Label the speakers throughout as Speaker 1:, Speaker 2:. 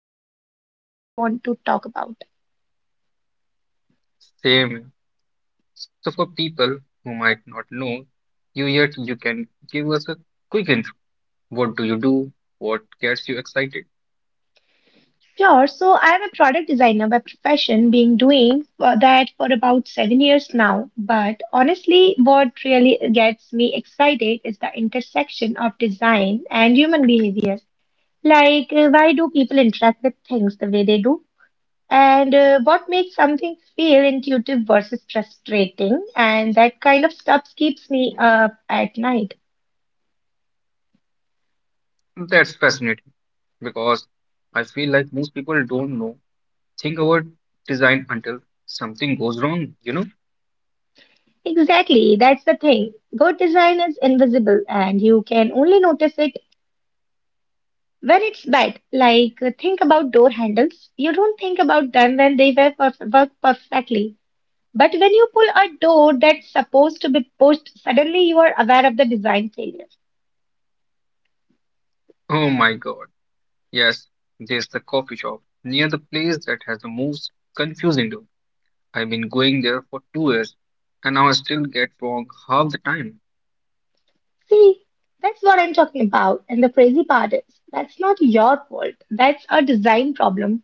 Speaker 1: there's so much I want to talk about.
Speaker 2: Same. So, for people who might not know you yet, you can give us a quick hint. What do you do? What gets you excited?
Speaker 1: Sure, so I'm a product designer by profession, been doing for that for about 7 years now. But honestly, what really gets me excited is the intersection of design and human behavior. Like, why do people interact with things the way they do? And what makes something feel intuitive versus frustrating, and that kind of stuff keeps me up at night.
Speaker 2: That's fascinating because I feel like most people don't know, think about design until something goes wrong, you know?
Speaker 1: Exactly, that's the thing. Good design is invisible, and you can only notice it when it's bad. Like, think about door handles. You don't think about them when they work perfectly, but when you pull a door that's supposed to be pushed, suddenly you are aware of the design failure.
Speaker 2: Oh my god. Yes, there's the coffee shop near the place that has the most confusing name. I've been going there for 2 years and now I still get wrong half the time.
Speaker 1: See, that's what I'm talking about. And the crazy part is, that's not your fault. That's a design problem.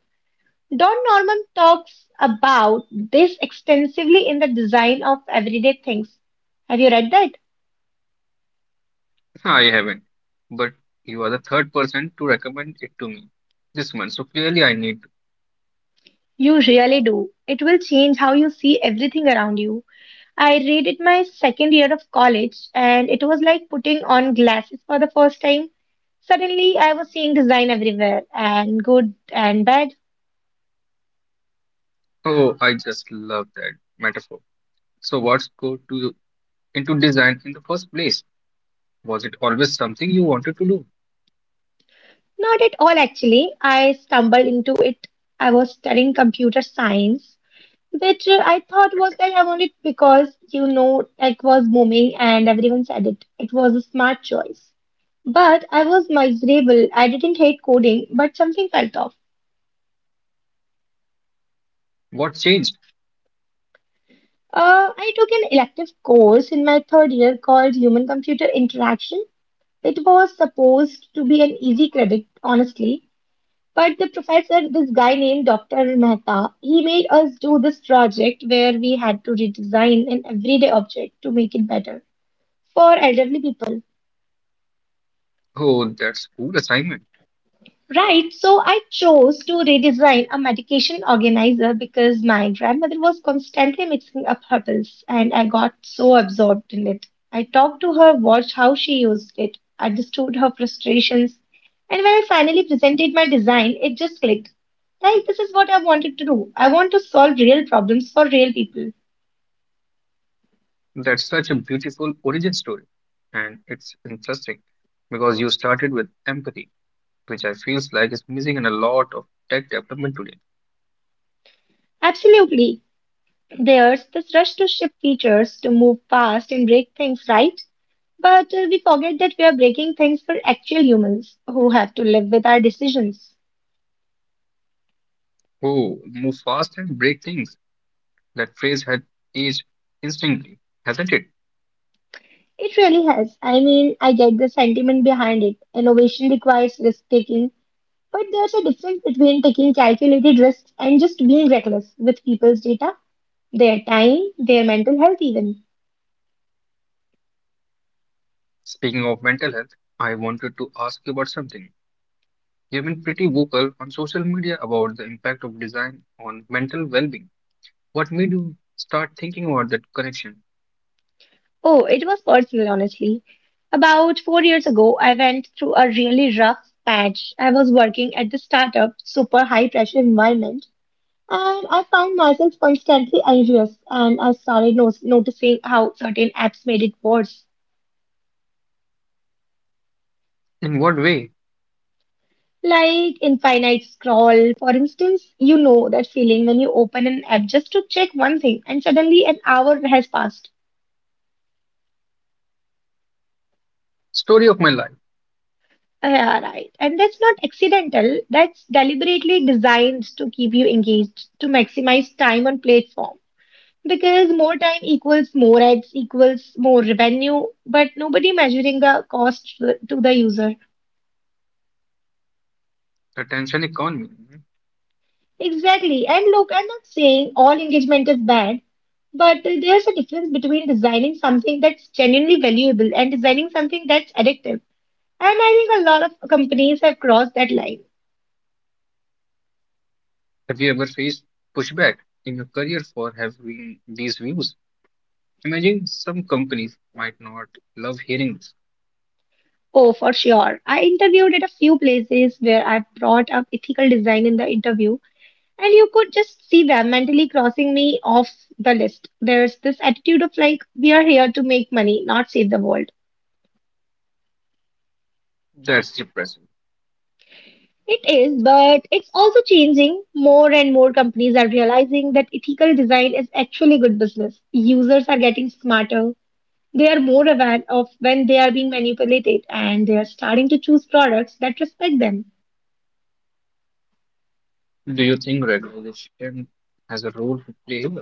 Speaker 1: Don Norman talks about this extensively in The Design of Everyday Things. Have you read that?
Speaker 2: I haven't, but you are the third person to recommend it to me this month, so clearly I need
Speaker 1: You really do. It will change how you see everything around you. I read it my second year of college, and it was like putting on glasses for the first time. Suddenly, I was seeing design everywhere, and good and bad.
Speaker 2: to. Oh, I just love that metaphor. So, what's go to into design in the first place? Was it always something you wanted to do?
Speaker 1: Not at all, actually. I stumbled into it. I was studying computer science, which I thought was that I wanted because, you know, tech was booming and everyone said it. It was a smart choice. But I was miserable. I didn't hate coding, but something felt off.
Speaker 2: What changed?
Speaker 1: I took an elective course in my third year called Human Computer Interaction. It was supposed to be an easy credit, honestly, but the professor, this guy named Dr. Mehta, he made us do this project where we had to redesign an everyday object to make it better for elderly people.
Speaker 2: Oh, that's cool assignment.
Speaker 1: Right, so I chose to redesign a medication organizer because my grandmother was constantly mixing up her pills, and I got so absorbed in it. I talked to her, watched how she used it, understood her frustrations, and when I finally presented my design, it just clicked. Like, this is what I wanted to do. I want to solve real problems for real people.
Speaker 2: That's such a beautiful origin story. And it's interesting because you started with empathy, which I feels like is missing in a lot of tech development today.
Speaker 1: Absolutely. There's this rush to ship features, to move fast and break things, right, but we forget that we are breaking things for actual humans who have to live with our decisions.
Speaker 2: Oh, move fast and break things. That phrase had aged instantly, hasn't it?
Speaker 1: It really has. I mean, I get the sentiment behind it. Innovation requires risk taking, but there's a difference between taking calculated risks and just being reckless with people's data, their time, their mental health, even.
Speaker 2: Speaking of mental health, I wanted to ask you about something. You've been pretty vocal on social media about the impact of design on mental well-being. What made you start thinking about that connection?
Speaker 1: Oh, it was personal, honestly. About 4 years ago, I went through a really rough patch. I was working at the startup, super high pressure environment, and I found myself constantly anxious. And I started no noticing how certain apps made it worse,
Speaker 2: In what way?
Speaker 1: like infinite scroll. For instance, you know that feeling when you open an app just to check one thing, and suddenly an hour has passed.
Speaker 2: Story of my life,
Speaker 1: Yeah, right. And that's not accidental. That's deliberately designed to keep you engaged, to maximize time on platform. Because more time equals more ads equals more revenue, but nobody measuring the cost to the user.
Speaker 2: the attention economy.
Speaker 1: Exactly. And look, I'm not saying all engagement is bad, but there's a difference between designing something that's genuinely valuable and designing something that's addictive. And I think a lot of companies have crossed that line.
Speaker 2: Have you ever faced pushback in your career for having these views? Imagine some companies might not love hearing this.
Speaker 1: Oh, for sure. I interviewed at a few places where I brought up ethical design in the interview, and you could just see them mentally crossing me off the list. There's this attitude of like, we are here to make money, not save the world.
Speaker 2: That's depressing.
Speaker 1: It is, but it's also changing. More and more companies are realizing that ethical design is actually good business. Users are getting smarter. They are more aware of when they are being manipulated, and they are starting to choose products that respect them.
Speaker 2: Do you think regulation has a role to play here?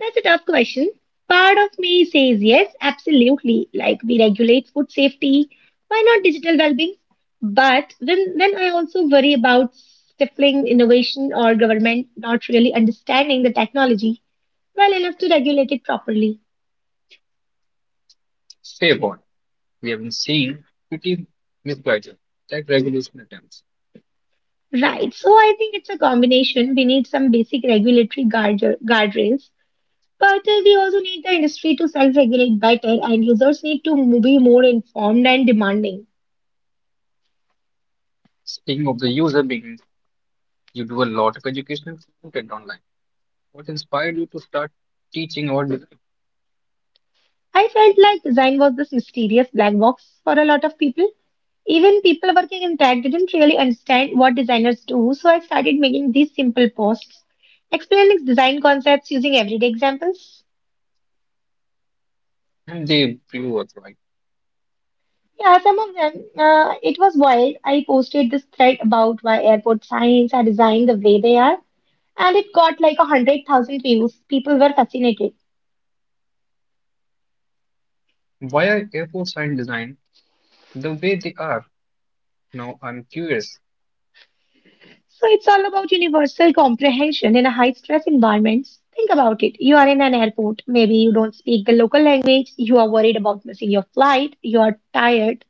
Speaker 1: That's a tough question. Part of me says yes, absolutely. Like we regulate food safety, why not digital well-being? But then I also worry about stifling innovation or government not really understanding the technology well enough to regulate it properly.
Speaker 2: Stay on. We have been seeing pretty misguided tech regulation attempts.
Speaker 1: Right. So I think it's a combination. We need some basic regulatory guardrails, but we also need the industry to self-regulate better, and users need to be more informed and demanding.
Speaker 2: Speaking of the user being, you do a lot of educational content online. What inspired you to start teaching about design
Speaker 1: I felt like design was this mysterious black box for a lot of people. Even people working in tech didn't really understand what designers do, so I started making these simple posts explaining design concepts using everyday examples.
Speaker 2: and the view of right?
Speaker 1: Yeah, some of them, it was wild. I posted this thread about why airport signs are designed the way they are, and it got like 100,000 views. People were fascinated.
Speaker 2: Why are airports and design the way they are? Now I'm curious.
Speaker 1: So it's all about universal comprehension in a high stress environment. Think about it. You are in an airport. Maybe you don't speak the local language. You are worried about missing your flight. You are tired.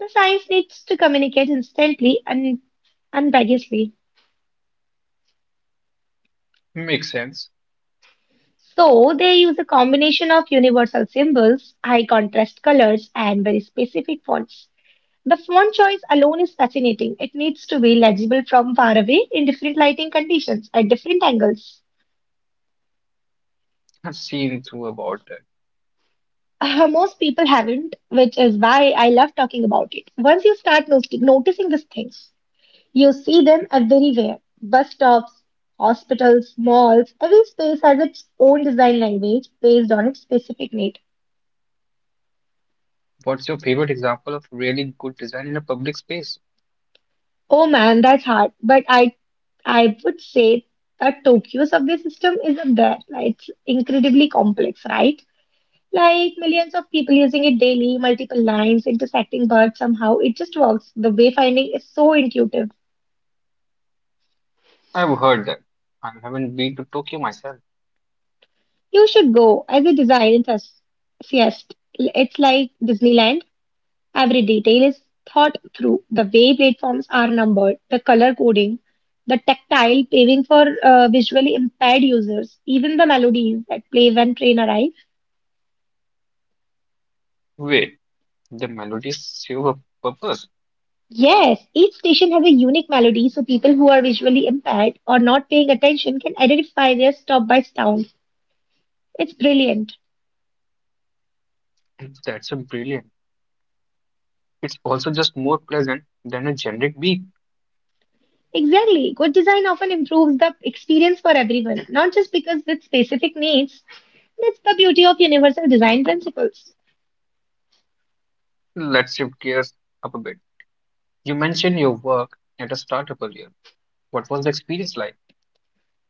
Speaker 1: The science needs to communicate instantly and unambiguously.
Speaker 2: Makes sense.
Speaker 1: So they use a combination of universal symbols, high contrast colors, and very specific fonts. The font choice alone is fascinating. It needs to be legible from far away in different lighting conditions at different angles.
Speaker 2: I've seen too about that.
Speaker 1: Most people haven't, which is why I love talking about it. Once you start noticing these things, you see them everywhere. Bus stops, hospitals, malls, every space has its own design language based on its specific need.
Speaker 2: What's your favorite example of really good design in a public space?
Speaker 1: Oh man, that's hard, but I would say that Tokyo subway system is up there. Like, it's incredibly complex, right? Like millions of people using it daily, multiple lines intersecting, but somehow it just works. The wayfinding is so intuitive.
Speaker 2: I've heard that. I haven't been to Tokyo myself.
Speaker 1: You should go as a design enthusiast. It's like Disneyland. Every detail is thought through. The way platforms are numbered, the color coding, the tactile paving for visually impaired users, even the melodies that play when train arrives.
Speaker 2: Wait, the melodies serve a purpose.
Speaker 1: Yes, each station has a unique melody, so people who are visually impaired or not paying attention can identify their stop by sound. It's brilliant.
Speaker 2: That's a brilliant. It's also just more pleasant than a generic beat.
Speaker 1: Exactly. Good design often improves the experience for everyone, not just because with specific needs. That's the beauty of universal design principles.
Speaker 2: Let's shift gears up a bit. You mentioned your work at a startup earlier. What was the experience like?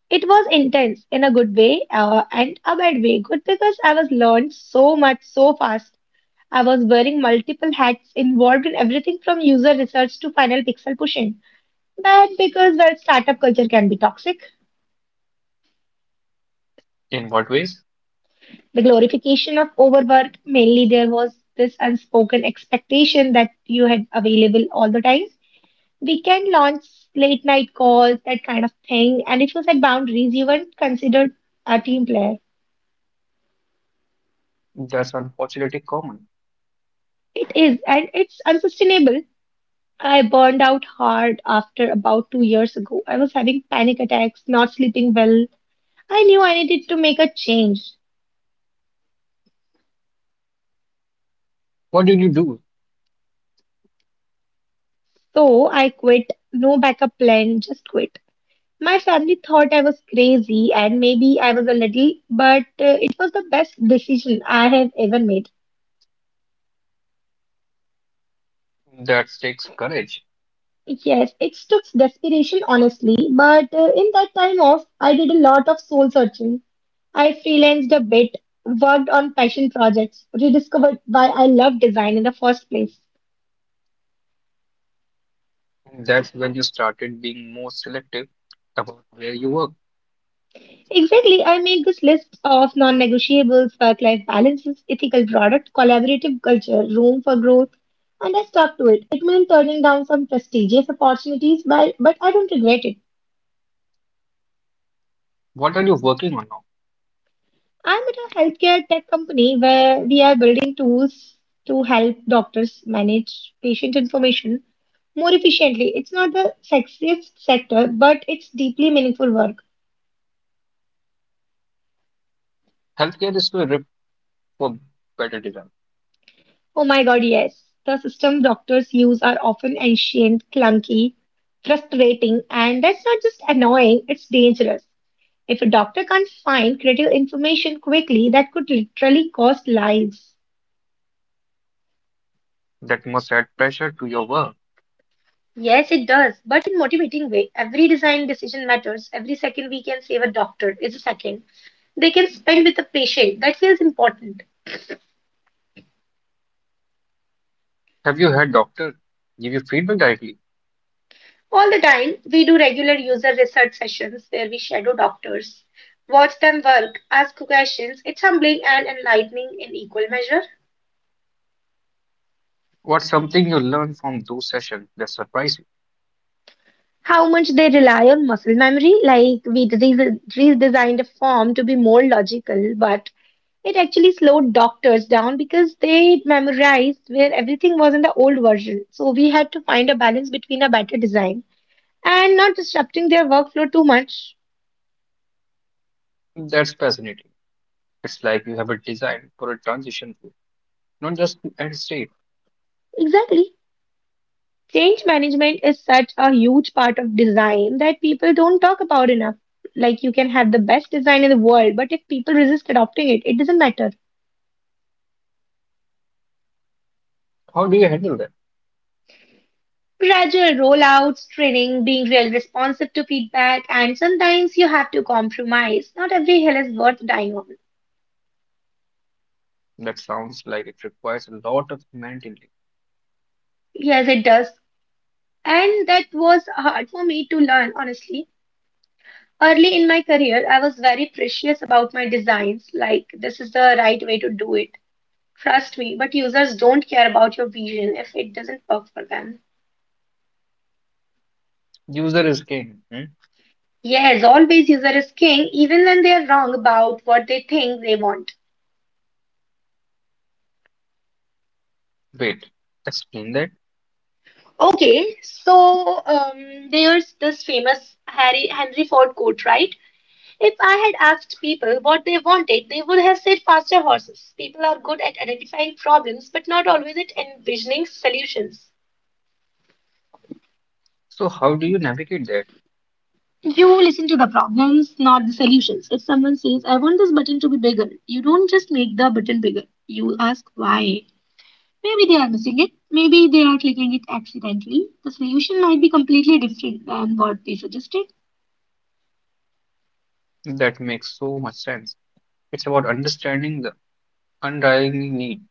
Speaker 1: It was intense in a good way, and a bad way. Good because I was learned so much so fast. I was wearing multiple hats involved in everything from user research to final pixel pushing. Bad because, well, startup culture can be toxic.
Speaker 2: In what ways?
Speaker 1: The glorification of overwork, mainly there was this unspoken expectation that you had available all the time. We can launch, late night calls, that kind of thing. And if you set boundaries, you weren't considered a team player.
Speaker 2: That's unfortunately common.
Speaker 1: It is, and it's unsustainable. I burned out hard after about 2 years ago. I was having panic attacks, not sleeping well. I knew I needed to make a change.
Speaker 2: What did you do?
Speaker 1: So I quit. No backup plan, just quit. My family thought I was crazy, and maybe I was a little, but it was the best decision I have ever made.
Speaker 2: That takes courage.
Speaker 1: Yes, it took desperation, honestly, but in that time off, I did a lot of soul searching. I freelanced a bit, worked on passion projects, rediscovered why I love design in the first place.
Speaker 2: And that's when you started being more selective about where you work.
Speaker 1: Exactly, I made this list of non negotiables, work life balances, ethical product, collaborative culture, room for growth, and I stuck to it. It meant turning down some prestigious opportunities, but I don't regret it.
Speaker 2: What are you working on now?
Speaker 1: I'm at a healthcare tech company where we are building tools to help doctors manage patient information more efficiently. It's not the sexiest sector, but it's deeply meaningful work.
Speaker 2: Healthcare is still ripped for better design.
Speaker 1: Oh my god, yes. The system doctors use are often ancient, clunky, frustrating, and that's not just annoying, it's dangerous. If a doctor can't find critical information quickly, that could literally cost lives.
Speaker 2: That must add pressure to your work.
Speaker 1: Yes, it does, but in motivating way. Every design decision matters. Every second we can save a doctor is a second they can spend with a patient. That feels important.
Speaker 2: Have you had doctor give you feedback directly?
Speaker 1: All the time, we do regular user research sessions where we shadow doctors, watch them work, ask questions. It's humbling and enlightening in equal measure.
Speaker 2: What's something you learned from those sessions that surprised
Speaker 1: How much they rely on muscle memory. Like we redesigned a form to be more logical, but it actually slowed doctors down because they memorized where everything was in the old version. So we had to find a balance between a better design and not disrupting their workflow too much.
Speaker 2: you? That's fascinating. It's like you have a design for a transition phase, not just the end state.
Speaker 1: Exactly. Change management is such a huge part of design that people don't talk about enough. Like you can have the best design in the world, but if people resist adopting it, it doesn't matter.
Speaker 2: How do you handle that?
Speaker 1: Gradual rollouts, training, being real responsive to feedback, and sometimes you have to compromise. Not every hill is worth dying on.
Speaker 2: That sounds like it requires a lot of humanity.
Speaker 1: Yes, it does. And that was hard for me to learn, honestly. Early in my career, I was very precious about my designs, like this is the right way to do it. Trust me, but users don't care about your vision if it doesn't work for them.
Speaker 2: User is king. Hmm?
Speaker 1: Yes, always user is king, even when they are wrong about what they think they want.
Speaker 2: Wait, explain that.
Speaker 1: Okay, so there's this famous Harry Henry Ford quote, right? If I had asked people what they wanted, they would have said faster horses. People are good at identifying problems, but not always at envisioning solutions.
Speaker 2: So how do you navigate that?
Speaker 1: You listen to the problems, not the solutions. If someone says, I want this button to be bigger, you don't just make the button bigger. You ask why. Maybe they are missing it. Maybe they are clicking it accidentally. The solution might be completely different than what they suggested.
Speaker 2: That makes so much sense. It's about understanding the underlying need.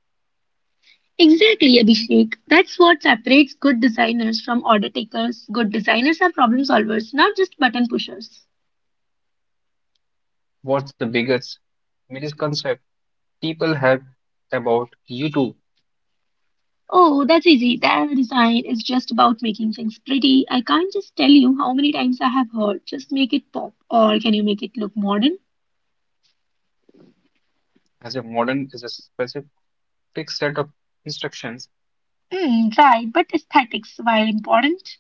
Speaker 1: Exactly, Abhishek. That's what separates good designers from order takers. Good designers are problem solvers, not just button pushers.
Speaker 2: What's the biggest misconception people have about YouTube
Speaker 1: Oh, that's easy. That design is just about making things pretty. I can't just tell you how many times I have heard, just make it pop, or can you make it look modern?
Speaker 2: as a modern is a specific set of instructions?
Speaker 1: Hmm, right, but aesthetics, while important,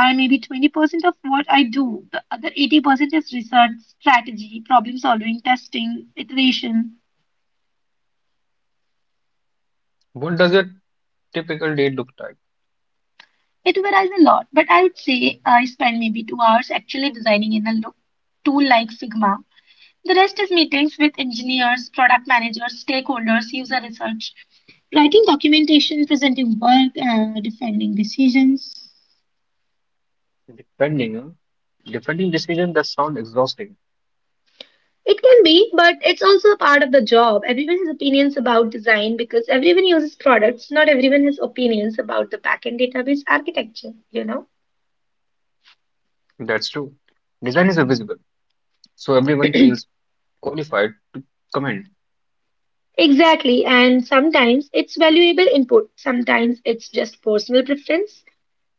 Speaker 1: are maybe 20% of what I do. The other 80% is research, strategy, problem solving, testing, iteration.
Speaker 2: What does a typical day look like?
Speaker 1: It varies a lot, but I would say I spend maybe 2 hours actually designing in a tool like Figma. The rest is meetings with engineers, product managers, stakeholders, user research, writing documentation, presenting work, defending decisions.
Speaker 2: Depending, uh, Defending decision that sound exhausting.
Speaker 1: It can be, but it's also a part of the job. Everyone has opinions about design because everyone uses products. Not everyone has opinions about the backend database architecture, you know.
Speaker 2: That's true. Design is visible, so everyone feels qualified. Comment.
Speaker 1: Exactly, and sometimes it's valuable input, sometimes it's just personal preference.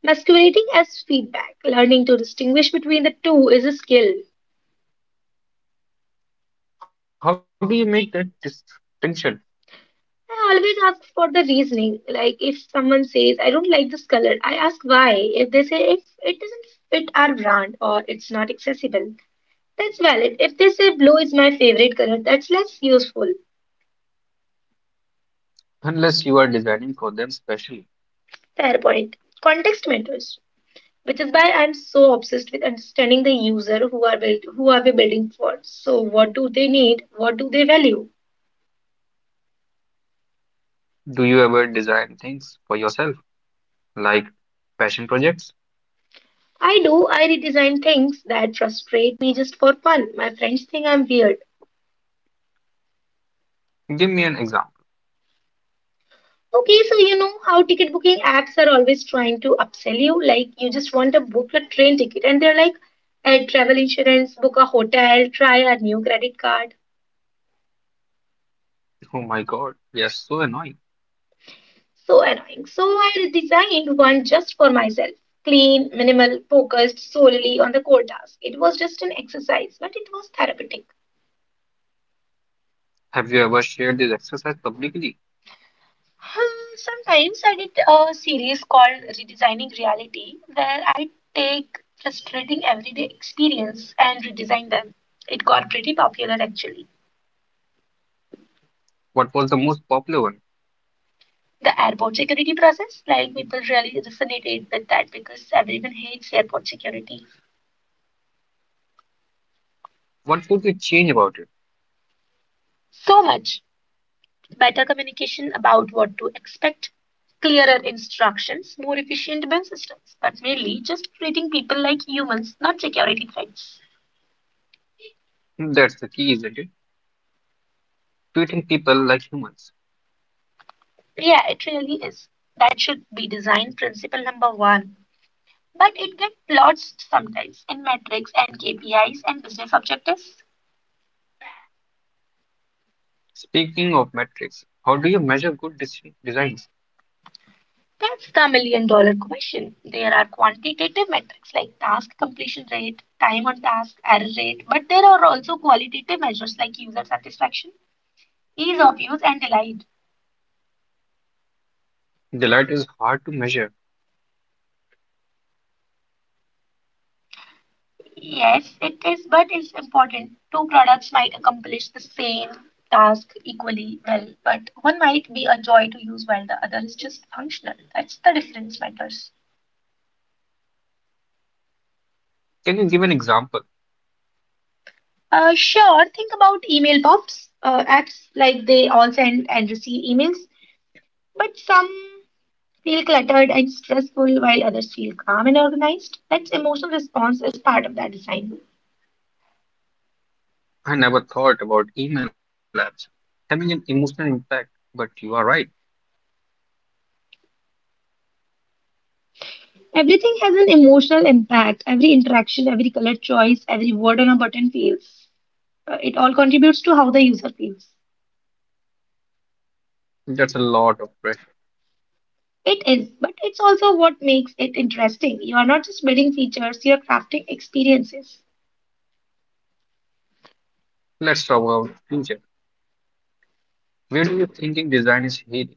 Speaker 1: Masquerading as feedback, learning to distinguish between the two is a skill.
Speaker 2: How do you make that distinction
Speaker 1: I always ask for the reasoning. Like if someone says, I don't like this color, I ask why. If they say if it doesn't fit our brand or it's not accessible, that's valid. If they say blue is my favorite color, that's less useful.
Speaker 2: unless you are designing for them specially?
Speaker 1: Fair point. Context matters, which is why I'm so obsessed with understanding the user who are built, who are we building for. So what do they need? What do they value?
Speaker 2: Do you ever design things for yourself, like passion projects?
Speaker 1: I do. I redesign things that frustrate me just for fun. My friends think I'm weird.
Speaker 2: Give me an example.
Speaker 1: Okay, so you know how ticket booking apps are always trying to upsell you. Like you just want to book a train ticket, and they're like, "Add travel insurance, book a hotel, try a new credit card."
Speaker 2: Oh my God, yes, so annoying.
Speaker 1: So annoying. So I designed one just for myself. Clean, minimal, focused solely on the core task. It was just an exercise, but it was therapeutic.
Speaker 2: Have you ever shared this exercise publicly?
Speaker 1: Hmm, sometimes I did a series called Redesigning Reality where I take frustrating everyday experience and redesign them. It got pretty popular actually.
Speaker 2: What was the most popular one?
Speaker 1: The airport security process, like people really resonated with that because everyone hates airport security
Speaker 2: What would you change about it?
Speaker 1: so much. Better communication about what to expect, clearer instructions, more efficient bank systems, but mainly just treating people like humans, not security threats.
Speaker 2: Hmm, that's the key, isn't it? Treating people like humans.
Speaker 1: Yeah, it really is. That should be design principle number one. But it gets lost sometimes in metrics and KPIs and business objectives.
Speaker 2: Speaking of metrics, how do you measure good designs?
Speaker 1: That's the million-dollar question. There are quantitative metrics like task completion rate, time on task, error rate, but there are also qualitative measures like user satisfaction, ease of use and delight.
Speaker 2: Delight is hard to measure.
Speaker 1: Yes, it is, but it's important. Two products might accomplish the same task equally well, but one might be a joy to use while the other is just functional. That's the difference matters.
Speaker 2: Can you give an example?
Speaker 1: Sure, think about email pops, apps like they all send and receive emails, but some feel cluttered and stressful while others feel calm and organized. That's emotional response is part of that design.
Speaker 2: I never thought about email apps having an emotional impact, but you are right.
Speaker 1: Everything has an emotional impact. Every interaction, every color choice, every word on a button feels. It all contributes to how the user feels.
Speaker 2: That's a lot of pressure.
Speaker 1: It is, but it's also what makes it interesting. You are not just building features, you are crafting experiences.
Speaker 2: Let's talk about future. Where do you thinking design is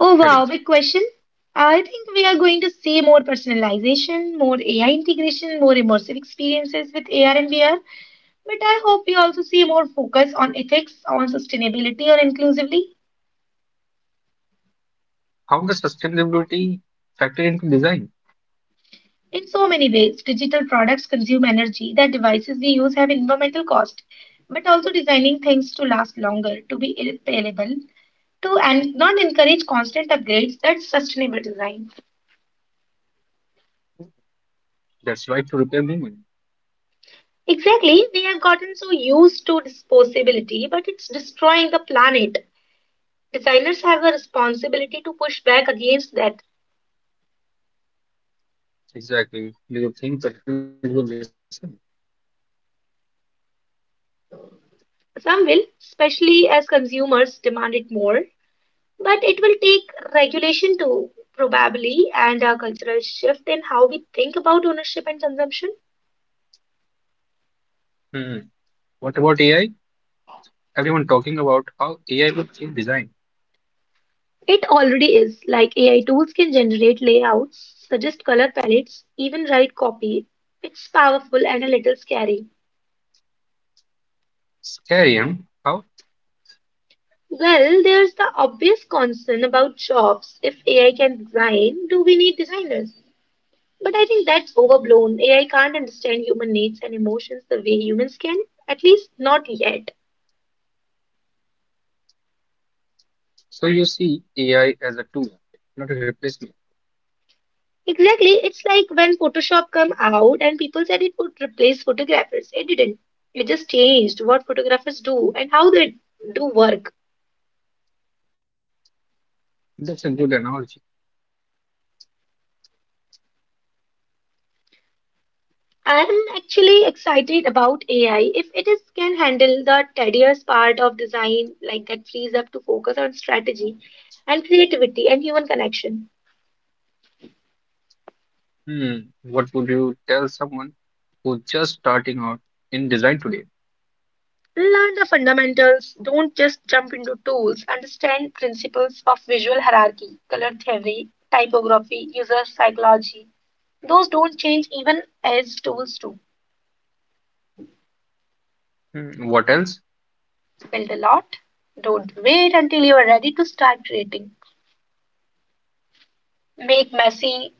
Speaker 1: Oh
Speaker 2: heading?
Speaker 1: wow, big question. I think we are going to see more personalization, more AI integration, more immersive experiences with AR and VR. But I hope we also see more focus on ethics, on sustainability, or inclusively.
Speaker 2: How does sustainability factor into design?
Speaker 1: In so many ways, digital products consume energy that devices we use have environmental cost, but also designing things to last longer, to be irreparable, to and not encourage constant upgrades, that's sustainable design.
Speaker 2: That's right to repair movement.
Speaker 1: Exactly, we have gotten so used to disposability, but it's destroying the planet. Designers have a responsibility to push back against that.
Speaker 2: Exactly. Do you think companies will listen?
Speaker 1: Some will, especially as consumers demand it more. But it will take regulation too, probably, and a cultural shift in how we think about ownership and consumption.
Speaker 2: Hmm. What about AI? Everyone talking about how AI will change design.
Speaker 1: It already is, like AI tools can generate layouts, suggest color palettes, even write copy. It's powerful and a little scary.
Speaker 2: Scary, huh? How?
Speaker 1: Well, there's the obvious concern about jobs. If AI can design, do we need designers? But I think that's overblown. AI can't understand human needs and emotions the way humans can, at least not yet.
Speaker 2: So you see AI as a tool, not a replacement.
Speaker 1: Exactly. It's like when Photoshop come out and people said it would replace photographers. It didn't. It just changed what photographers do and how they do work.
Speaker 2: That's a good analogy.
Speaker 1: I'm actually excited about AI if it is can handle the tedious part of design like that frees up to focus on strategy and creativity and human connection.
Speaker 2: Hmm. What would you tell someone who's just starting out in design today?
Speaker 1: Learn the fundamentals, don't just jump into tools. Understand principles of visual hierarchy, color theory, typography, user psychology. Those don't change even as tools do.
Speaker 2: Hmm. What else?
Speaker 1: Build a lot. Don't wait until you are ready to start creating. Make messy,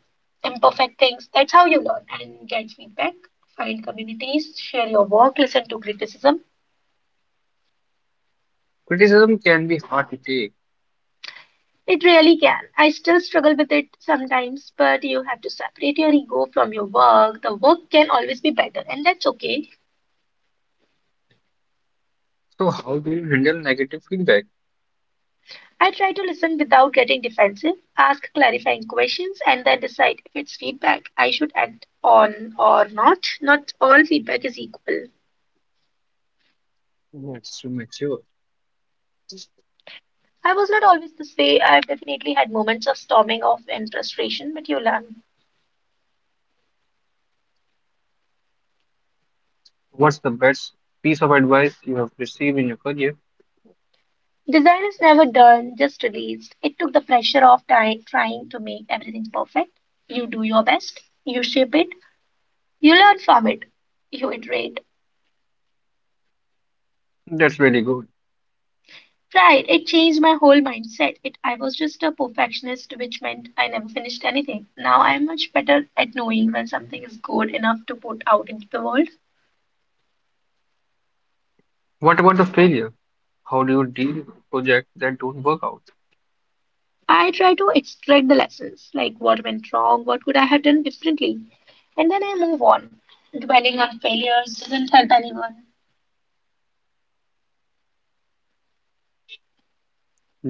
Speaker 1: imperfect things. That's how you learn and get feedback. Find communities, share your work, listen to criticism.
Speaker 2: Criticism can be hard to take.
Speaker 1: It really can. I still struggle with it sometimes, but you have to separate your ego from your work. The work can always be better, and that's okay.
Speaker 2: So, how do you handle negative feedback?
Speaker 1: I try to listen without getting defensive, ask clarifying questions, and then decide if it's feedback I should act on or not. Not all feedback is equal.
Speaker 2: That's to mature.
Speaker 1: I was not always this way. I've definitely had moments of storming off and frustration, but you learn.
Speaker 2: What's the best piece of advice you have received in your career?
Speaker 1: Design is never done, just released. It took the pressure off trying to make everything perfect. You do your best, you shape it, you learn from it, you iterate.
Speaker 2: That's really good.
Speaker 1: Right, it changed my whole mindset. It I was just a perfectionist, which meant I never finished anything. Now I am much better at knowing when something is good enough to put out into the world.
Speaker 2: What about the failure? How do you deal with projects that don't work out?
Speaker 1: I try to extract the lessons, like what went wrong, what could I have done differently, and then I move on. Dwelling on failures doesn't help anyone.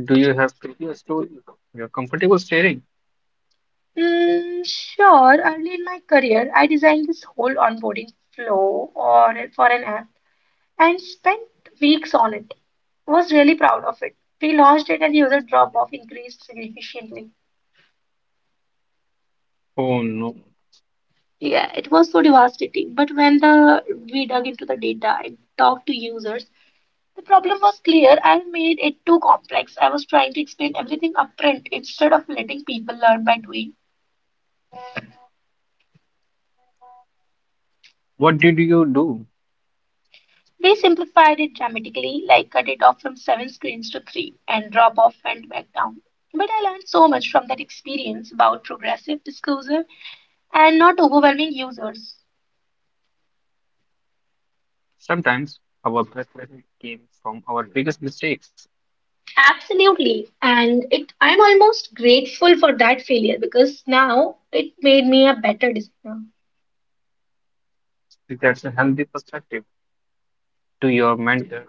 Speaker 2: Do you have failure stories you're comfortable sharing?
Speaker 1: Sure, early in my career, I designed this whole onboarding flow or for an app, and spent weeks on it. Was really proud of it. We launched it and user drop off increased significantly.
Speaker 2: Oh no.
Speaker 1: Yeah, it was so devastating. But when the we dug into the data and talked to users, the problem was clear. I made it too complex. I was trying to explain everything upfront instead of letting people learn by doing.
Speaker 2: What did you do?
Speaker 1: We simplified it dramatically, like cut it off from seven screens to three, and drop off went back down. But I learned so much from that experience about progressive disclosure and not overwhelming users.
Speaker 2: Sometimes our best lessons came from our biggest mistakes.
Speaker 1: Absolutely. And it I'm almost grateful for that failure because now it made me a better designer.
Speaker 2: That's a healthy perspective to your mentor,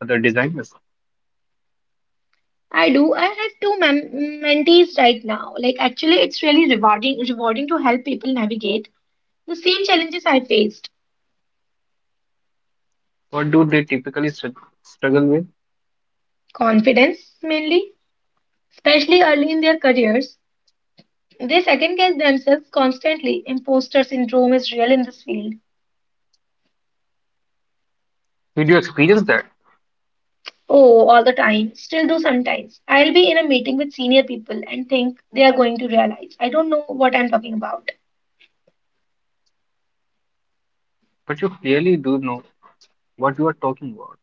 Speaker 2: other designers.
Speaker 1: I do. I have two mentees right now. Like actually it's really rewarding to help people navigate the same challenges I faced.
Speaker 2: What do they typically struggle with?
Speaker 1: Confidence mainly, especially early in their careers. They second guess themselves constantly. Imposter syndrome is real in this field.
Speaker 2: Did you experience that?
Speaker 1: Oh, all the time. Still do sometimes. I'll be in a meeting with senior people and think they are going to realize I don't know what I'm talking about.
Speaker 2: But you clearly do know what you are talking about.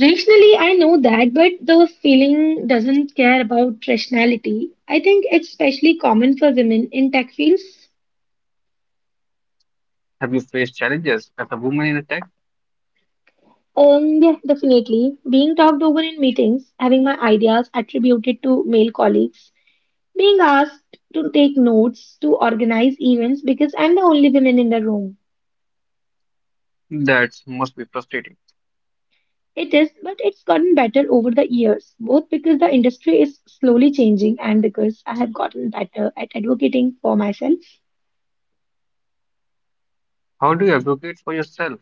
Speaker 1: Rationally, I know that, but the feeling doesn't care about rationality. I think it's especially common for women in tech fields.
Speaker 2: Have you faced challenges as a woman in a tech?
Speaker 1: Yeah, definitely. Being talked over in meetings, having my ideas attributed to male colleagues, being asked to take notes, to organize events because I'm the only woman in the room.
Speaker 2: That must be frustrating.
Speaker 1: It is, but it's gotten better over the years, both because the industry is slowly changing and because I have gotten better at advocating for myself,
Speaker 2: How do you advocate for yourself?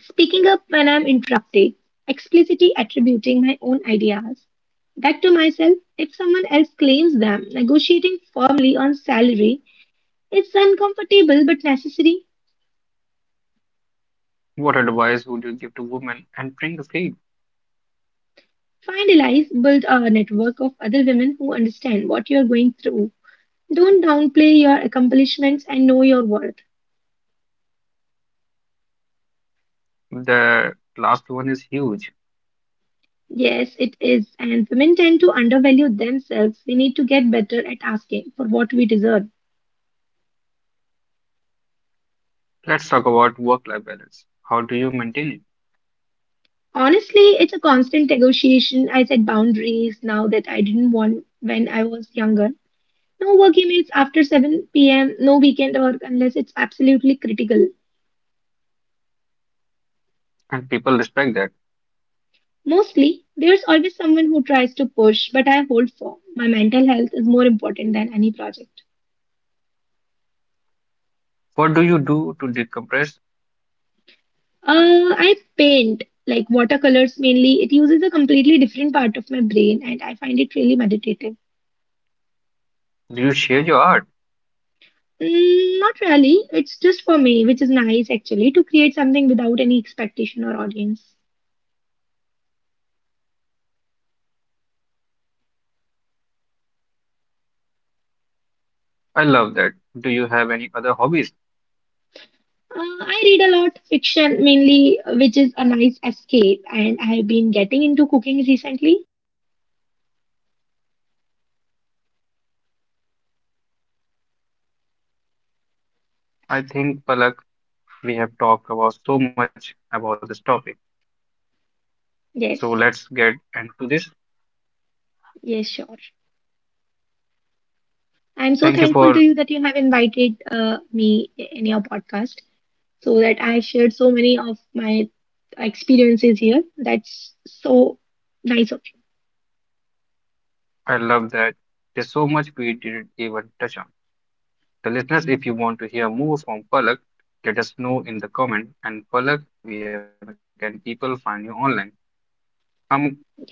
Speaker 1: speaking up when I'm interrupted, explicitly attributing my own ideas back to myself if someone else claims them, negotiating firmly on salary. It's uncomfortable but necessary.
Speaker 2: What advice would you give to women entering the field?
Speaker 1: Find allies, build a network of other women who understand what you're going through. Don't downplay your accomplishments and know your worth.
Speaker 2: The last one is huge.
Speaker 1: Yes, it is. And women tend to undervalue themselves. We need to get better at asking for what we deserve.
Speaker 2: Let's talk about work life balance. How do you maintain it?
Speaker 1: Honestly, it's a constant negotiation. I set boundaries now that I didn't want when I was younger. No work emails after 7 p.m., no weekend work unless it's absolutely critical.
Speaker 2: And people respect that.
Speaker 1: Mostly, there's always someone who tries to push, but I hold firm. My mental health is more important than any project.
Speaker 2: What do you do to decompress?
Speaker 1: I paint like watercolors mainly. It uses a completely different part of my brain and I find it really meditative.
Speaker 2: Do you share your art?
Speaker 1: Mm, not really. It's just for me, which is nice actually, to create something without any expectation or audience.
Speaker 2: I love that. Do you have any other hobbies?
Speaker 1: I read a lot fiction mainly, which is a nice escape, and I have been getting into cooking recently.
Speaker 2: I think, Palak, we have talked about so much about this topic. So let's
Speaker 1: Yes,
Speaker 2: get into this.
Speaker 1: yes, sure. I'm so
Speaker 2: Thank you
Speaker 1: thankful to
Speaker 2: for,
Speaker 1: you that you have invited me in your podcast, so that I shared so many of my experiences here. That's so nice of you.
Speaker 2: I love that. There's so much we didn't even touch on. The listeners, if you want to hear more from Palak, let us know in the comment. And Palak, where can people find you online? I'm
Speaker 1: Yes.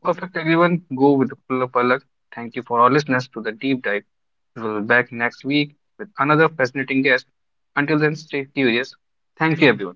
Speaker 2: perfect, everyone. Go with the flow, Palak. Thank you for our listeners to the deep dive. We'll be back next week with another fascinating guest. Until then, stay curious. Thank you, everyone.